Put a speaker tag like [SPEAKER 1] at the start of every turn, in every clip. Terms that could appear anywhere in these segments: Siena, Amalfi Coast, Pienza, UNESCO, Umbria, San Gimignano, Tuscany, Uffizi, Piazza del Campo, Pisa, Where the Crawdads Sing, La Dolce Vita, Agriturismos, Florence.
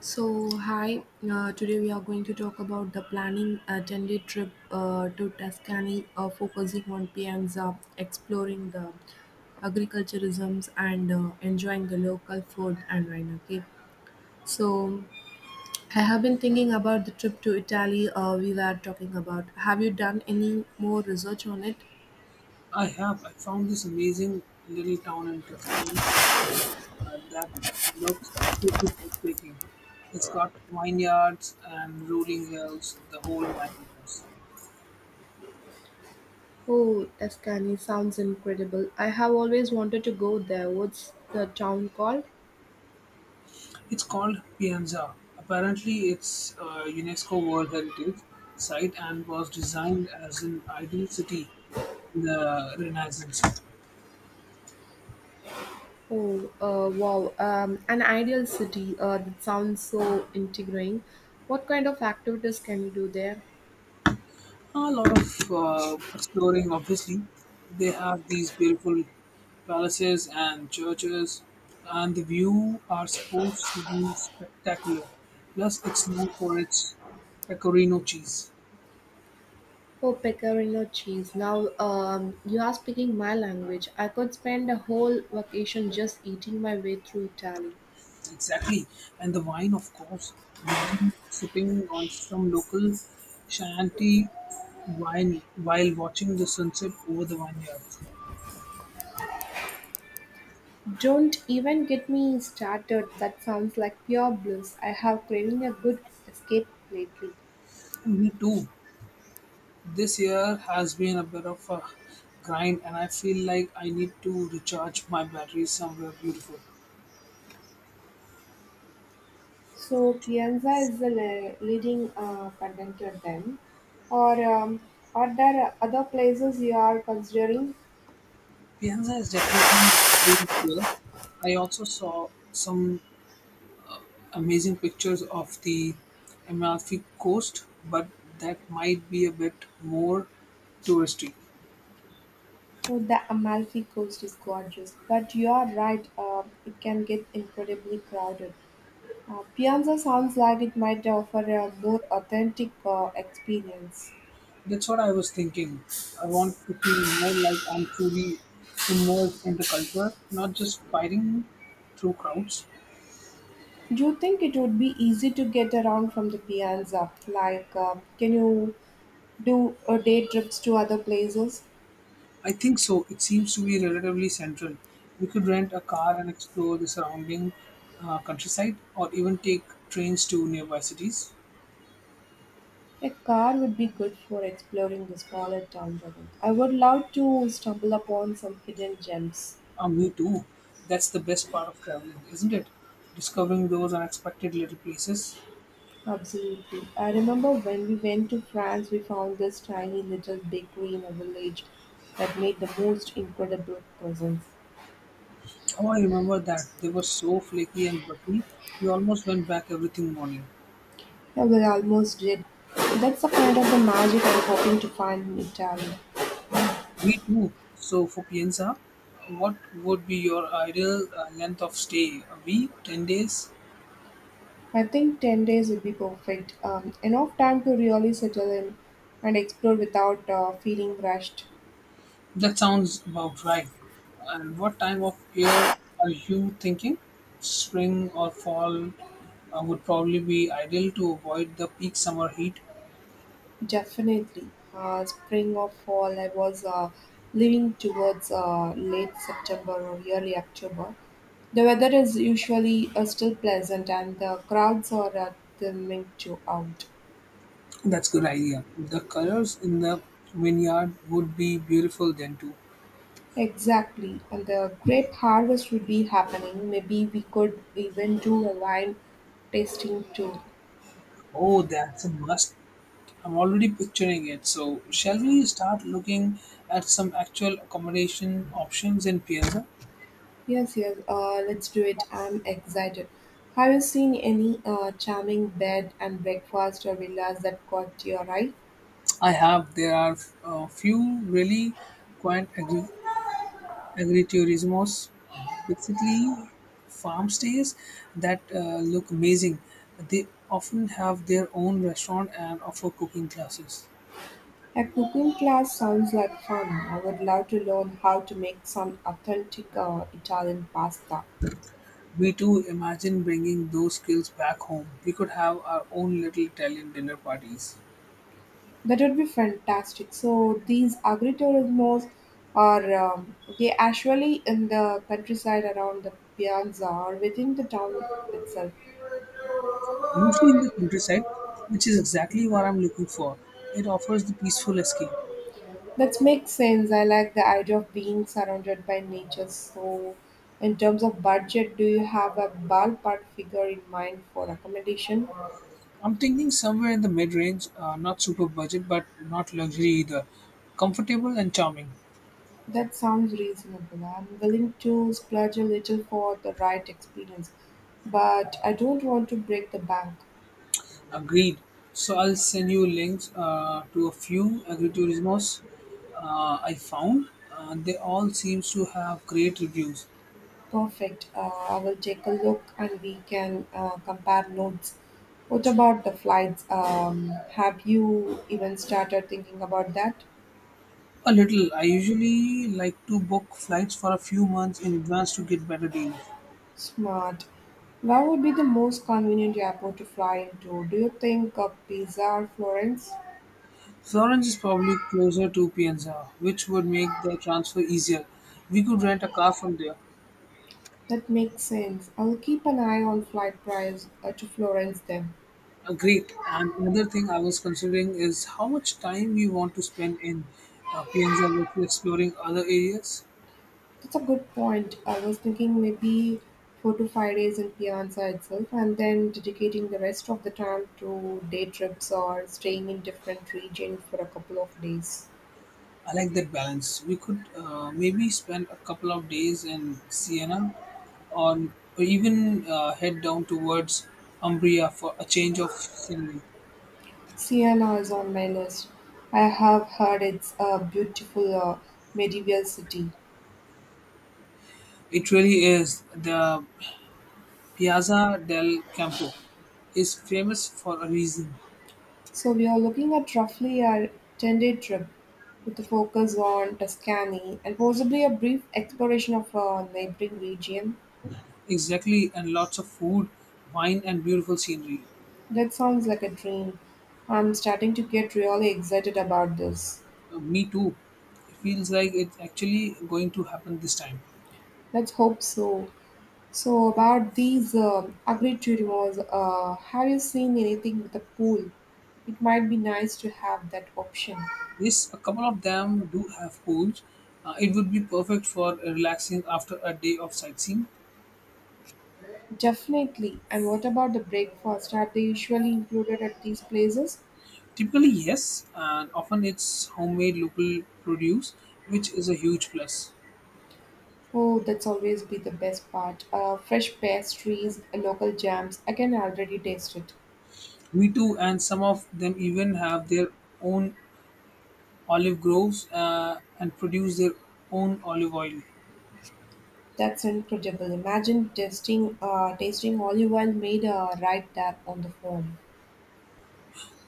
[SPEAKER 1] So, hi, today we are going to talk about the planning a 10-day trip to Tuscany, focusing on Pienza, exploring the agriculturisms, and enjoying the local food and wine. Okay, so I have been thinking about the trip to Italy we were talking about. Have you done any more research on it?
[SPEAKER 2] I have. I found this amazing little town in Tuscany that looks absolutely breathtaking. It's got vineyards and rolling hills, the whole nine yards.
[SPEAKER 1] Oh, Tuscany sounds incredible. I have always wanted to go there. What's the town called?
[SPEAKER 2] It's called Pienza. Apparently, it's a UNESCO World Heritage Site and was designed as an ideal city in the Renaissance.
[SPEAKER 1] Oh, wow. An ideal city. That sounds so intriguing. What kind of activities can you do there?
[SPEAKER 2] A lot of exploring, obviously. They have these beautiful palaces and churches, and the view are supposed to be spectacular. Plus, it's known for its pecorino cheese.
[SPEAKER 1] Oh, pecorino cheese. Now, you are speaking my language. I could spend a whole vacation just eating my way through Italy.
[SPEAKER 2] Exactly. And the wine, of course. Imagine sipping on some local shanty wine while watching the sunset over the vineyards.
[SPEAKER 1] Don't even get me started. That sounds like pure bliss. I have craving a good escape lately.
[SPEAKER 2] Me too. This year has been a bit of a grind, and I feel like I need to recharge my batteries somewhere beautiful.
[SPEAKER 1] So Pienza is the leading contender then, or are there other places you are considering?
[SPEAKER 2] Pienza is definitely there. I also saw some amazing pictures of the Amalfi Coast, but that might be a bit more touristy.
[SPEAKER 1] Oh, the Amalfi Coast is gorgeous, but you are right, it can get incredibly crowded. Piazza sounds like it might offer a more authentic experience.
[SPEAKER 2] That's what I was thinking. I want to feel more like I'm truly immersed in the culture, not just fighting through crowds.
[SPEAKER 1] Do you think it would be easy to get around from the Piazza? Like, can you do day trips to other places?
[SPEAKER 2] I think so. It seems to be relatively central. We could rent a car and explore the surrounding countryside, or even take trains to nearby cities.
[SPEAKER 1] A car would be good for exploring the smaller towns around. I would love to stumble upon some hidden gems.
[SPEAKER 2] Me too. That's the best part of traveling, isn't it? Discovering those unexpected little places.
[SPEAKER 1] Absolutely. I remember when we went to France, we found this tiny little bakery in a village that made the most incredible croissants.
[SPEAKER 2] Oh, I remember that. They were so flaky and buttery. We almost went back every single morning.
[SPEAKER 1] Yeah, we almost did. That's the kind of the magic I'm hoping to find in Italy.
[SPEAKER 2] Me too. So, for Pienza, what would be your ideal length of stay? A week? 10 days?
[SPEAKER 1] I think 10 days would be perfect. Enough time to really settle in and explore without feeling rushed.
[SPEAKER 2] That sounds about right. And what time of year are you thinking? Spring or fall would probably be ideal to avoid the peak summer heat.
[SPEAKER 1] Definitely, spring or fall. I was leaning towards late September or early October. The weather is usually still pleasant, and the crowds are thinning to out.
[SPEAKER 2] That's good idea. The colors in the vineyard would be beautiful then too.
[SPEAKER 1] Exactly, and the grape harvest would be happening. Maybe we could even do a wine tasting tour.
[SPEAKER 2] Oh, that's a must. I'm already picturing it. So, shall we start looking at some actual accommodation options in Piazza?
[SPEAKER 1] Yes, yes. Let's do it. I'm excited. Have you seen any charming bed and breakfast or villas that caught your eye?
[SPEAKER 2] I have. There are a few really quaint Agriturismos, basically farm stays that look amazing. They often have their own restaurant and offer cooking classes.
[SPEAKER 1] A cooking class sounds like fun. I would love to learn how to make some authentic Italian pasta.
[SPEAKER 2] We too imagine bringing those skills back home. We could have our own little Italian dinner parties,
[SPEAKER 1] That would be fantastic. So these agriturismos are they actually in the countryside around the piazza or within the town itself.
[SPEAKER 2] usually in the countryside, which is exactly what I'm looking for. It offers the peaceful escape.
[SPEAKER 1] That makes sense. I like the idea of being surrounded by nature. So in terms of budget, do you have a ballpark figure in mind for accommodation?
[SPEAKER 2] I'm thinking somewhere in the mid range, not super budget, but not luxury either. Comfortable and charming.
[SPEAKER 1] That sounds reasonable. I'm willing to splurge a little for the right experience, but I don't want to break the bank.
[SPEAKER 2] Agreed. So I'll send you links to a few agriturismos I found. They all seems to have great reviews.
[SPEAKER 1] Perfect. I will take a look and we can compare notes. What about the flights? Have you even started thinking about that?
[SPEAKER 2] A little. I usually like to book flights for a few months in advance to get better deals.
[SPEAKER 1] Smart. Where would be the most convenient airport to fly into? Do you think Pisa or Florence?
[SPEAKER 2] Florence is probably closer to Pienza, which would make the transfer easier. We could rent a car from there.
[SPEAKER 1] That makes sense. I'll keep an eye on flight price to Florence then.
[SPEAKER 2] Great. And another thing I was considering is how much time we want to spend in Pienza versus exploring other areas.
[SPEAKER 1] That's a good point. I was thinking maybe four to five days in Piazza itself and then dedicating the rest of the time to day trips or staying in different region for a couple of days.
[SPEAKER 2] I like that balance. We could maybe spend a couple of days in Siena on, or even head down towards Umbria for a change of scenery.
[SPEAKER 1] Siena is on my list. I have heard it's a beautiful medieval city.
[SPEAKER 2] It really is. The Piazza del Campo is famous for a reason.
[SPEAKER 1] So we are looking at roughly a 10-day trip with a focus on Tuscany and possibly a brief exploration of a neighboring region.
[SPEAKER 2] Exactly, and lots of food, wine, and beautiful scenery.
[SPEAKER 1] That sounds like a dream. I'm starting to get really excited about this.
[SPEAKER 2] Me too. It feels like it's actually going to happen this time.
[SPEAKER 1] Let's hope so. So, about these agri turismos, have you seen anything with a pool? It might be nice to have that option.
[SPEAKER 2] Yes, a couple of them do have pools. It would be perfect for relaxing after a day of sightseeing.
[SPEAKER 1] Definitely. And what about the breakfast? Are they usually included at these places?
[SPEAKER 2] Typically, yes, and often it's homemade local produce, which is a huge plus.
[SPEAKER 1] Oh, that's always be the best part. Fresh pastries, local jams. I can already taste it.
[SPEAKER 2] Me too, and some of them even have their own olive groves and produce their own olive oil.
[SPEAKER 1] That's incredible. Imagine tasting olive oil made right there on the farm.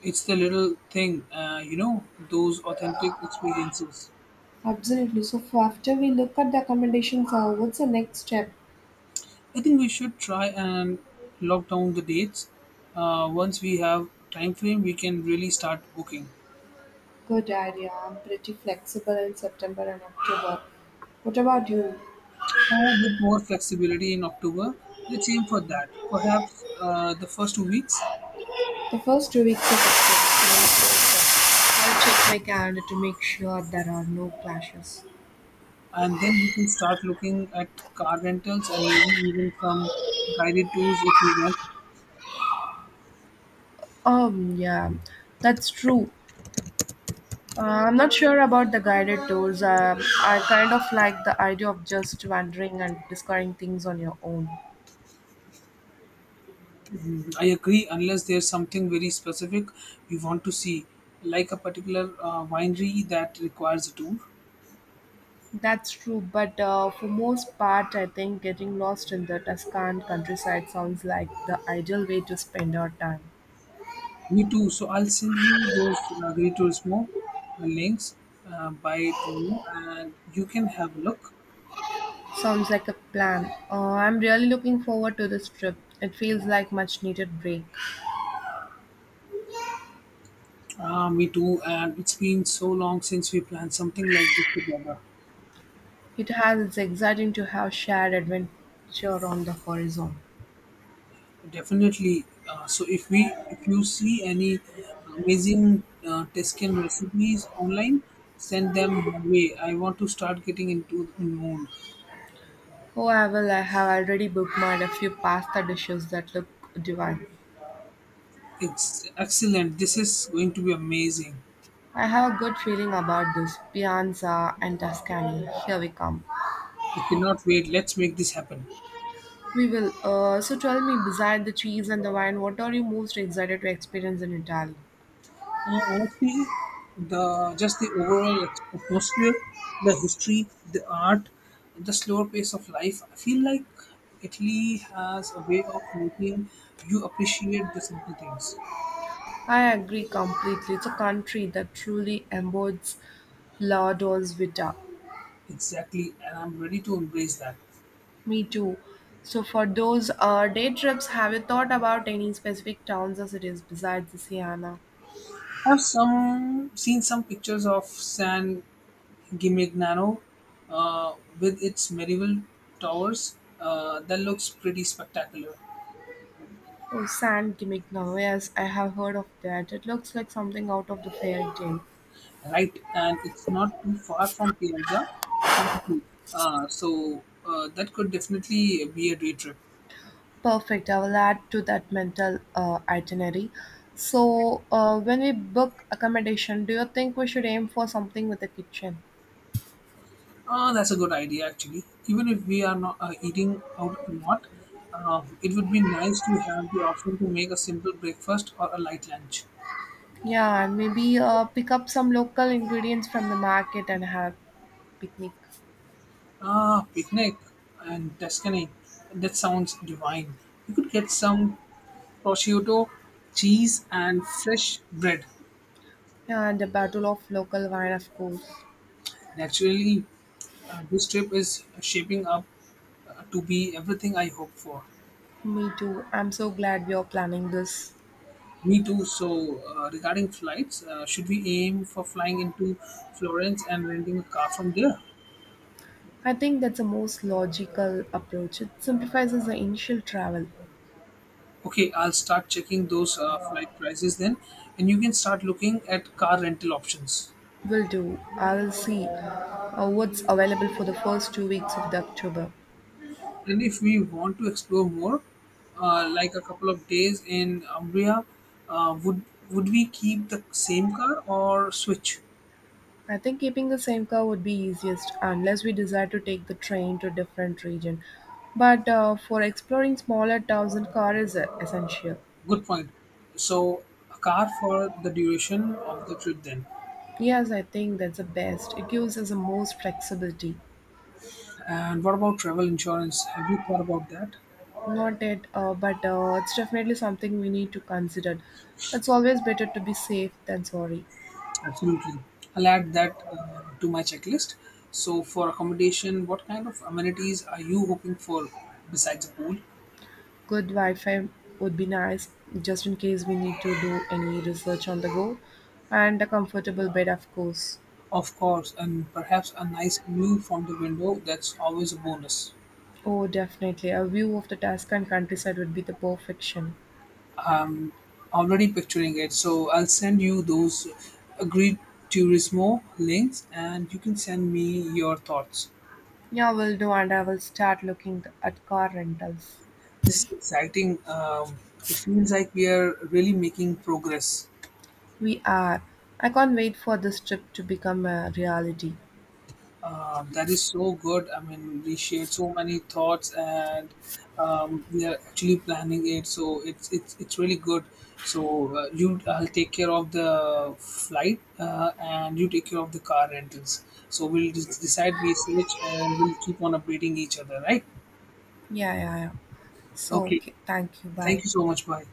[SPEAKER 2] It's the little thing, those authentic experiences.
[SPEAKER 1] Absolutely. So for after we look at the accommodations, what's the next step?
[SPEAKER 2] I think we should try and lock down the dates. Once we have time frame, we can really start booking.
[SPEAKER 1] Good idea. I'm pretty flexible in September and October. What about you?
[SPEAKER 2] Or with more flexibility in October, let's aim for that. Perhaps the first two weeks,
[SPEAKER 1] The first two weeks of October I'll check my calendar to make sure there are no clashes.
[SPEAKER 2] and then we can start looking at car rentals and maybe even some guided tours if we want.
[SPEAKER 1] Yeah, that's true. I'm not sure about the guided tours. I kind of like the idea of just wandering and discovering things on your own.
[SPEAKER 2] I agree, unless there's something very specific we want to see, like a particular winery that requires a tour.
[SPEAKER 1] That's true, but for most part, I think getting lost in the Tuscan countryside sounds like the ideal way to spend our time.
[SPEAKER 2] Me too. So I'll send you those Great Turismo links by tomorrow, and you can have a look.
[SPEAKER 1] Sounds like a plan. I'm really looking forward to this trip. It feels like much needed break.
[SPEAKER 2] Me too. And it's been so long since we planned something like this together.
[SPEAKER 1] It has it's exciting to have shared adventure on the horizon.
[SPEAKER 2] Definitely. So if you see any amazing Tuscan recipes online, send them my way. I want to start getting into the mood.
[SPEAKER 1] However, I have already bookmarked a few pasta dishes that look divine.
[SPEAKER 2] It's excellent. This is going to be amazing.
[SPEAKER 1] I have a good feeling about this. Pianza and Tuscany. Here we come.
[SPEAKER 2] I cannot wait. Let's make this happen.
[SPEAKER 1] We will. So tell me, beside the cheese and the wine, what are you most excited to experience in Italy?
[SPEAKER 2] Honestly, the just the overall atmosphere, the history, the art, the slower pace of life. I feel like Italy has a way of making you appreciate the simple things.
[SPEAKER 1] I agree completely. It's a country that truly embodies La Dolce Vita.
[SPEAKER 2] Exactly, and I'm ready to embrace that.
[SPEAKER 1] Me too. So for those day trips, have you thought about any specific towns or cities besides the Siena?
[SPEAKER 2] I've some seen some pictures of San Gimignano uh, with its medieval towers. That looks pretty spectacular.
[SPEAKER 1] Oh, San Gimignano. Yes, I have heard of that. It looks like something out of the fairy tale.
[SPEAKER 2] Right, and it's not too far from Piazza, apparently. So that could definitely be a day trip.
[SPEAKER 1] Perfect. I will add to that mental itinerary. So, when we book accommodation, do you think we should aim for something with a kitchen?
[SPEAKER 2] That's a good idea, actually. Even if we are not eating out a lot, it would be nice to have the option to make a simple breakfast or a light lunch.
[SPEAKER 1] Yeah, and maybe pick up some local ingredients from the market and have picnic.
[SPEAKER 2] Ah, picnic and Tuscany. That sounds divine. You could get some prosciutto, cheese, and fresh bread.
[SPEAKER 1] Yeah, and a bottle of local wine, of course.
[SPEAKER 2] Naturally, this trip is shaping up to be everything I hope for.
[SPEAKER 1] Me too. I'm so glad we are planning this.
[SPEAKER 2] Me too. So, regarding flights, should we aim for flying into Florence and renting a car from there?
[SPEAKER 1] I think that's the most logical approach. It simplifies the initial travel.
[SPEAKER 2] Okay, I'll start checking those flight prices then, and you can start looking at car rental options.
[SPEAKER 1] Will do. I'll see what's available for the first two weeks of the October.
[SPEAKER 2] And if we want to explore more, like a couple of days in Umbria, uh, would would we keep the same car or switch?
[SPEAKER 1] I think keeping the same car would be easiest unless we decide to take the train to different region. But for exploring smaller towns, and car is essential.
[SPEAKER 2] Good point. So, a car for the duration of the trip then.
[SPEAKER 1] Yes, I think that's the best. It gives us the most flexibility.
[SPEAKER 2] And what about travel insurance? Have you thought about that?
[SPEAKER 1] Not it, but it's definitely something we need to consider. It's always better to be safe than sorry.
[SPEAKER 2] Absolutely. I'll add that to my checklist. So, for accommodation, what kind of amenities are you hoping for besides a pool?
[SPEAKER 1] Good Wi-Fi would be nice, just in case we need to do any research on the go, and a comfortable bed, of course.
[SPEAKER 2] Of course, and perhaps a nice view from the window. That's always a bonus.
[SPEAKER 1] Oh, definitely. A view of the Tuscan countryside would be the perfection.
[SPEAKER 2] Already picturing it. So, I'll send you those agreed Turismo links and you can send me your thoughts.
[SPEAKER 1] Yeah, will do, and I will start looking at car rentals.
[SPEAKER 2] This is exciting. It feels like we are really making progress.
[SPEAKER 1] We are. I can't wait for this trip to become a reality.
[SPEAKER 2] That is so good. I mean, we shared so many thoughts, and we are actually planning it. So it's really good. So I'll take care of the flight, and you take care of the car rentals. So we'll just decide we switch, and we'll keep on updating each other, right?
[SPEAKER 1] Yeah, yeah, yeah. So,
[SPEAKER 2] Okay.
[SPEAKER 1] okay. Thank you.
[SPEAKER 2] Thank
[SPEAKER 1] Bye.
[SPEAKER 2] you so much. Bye.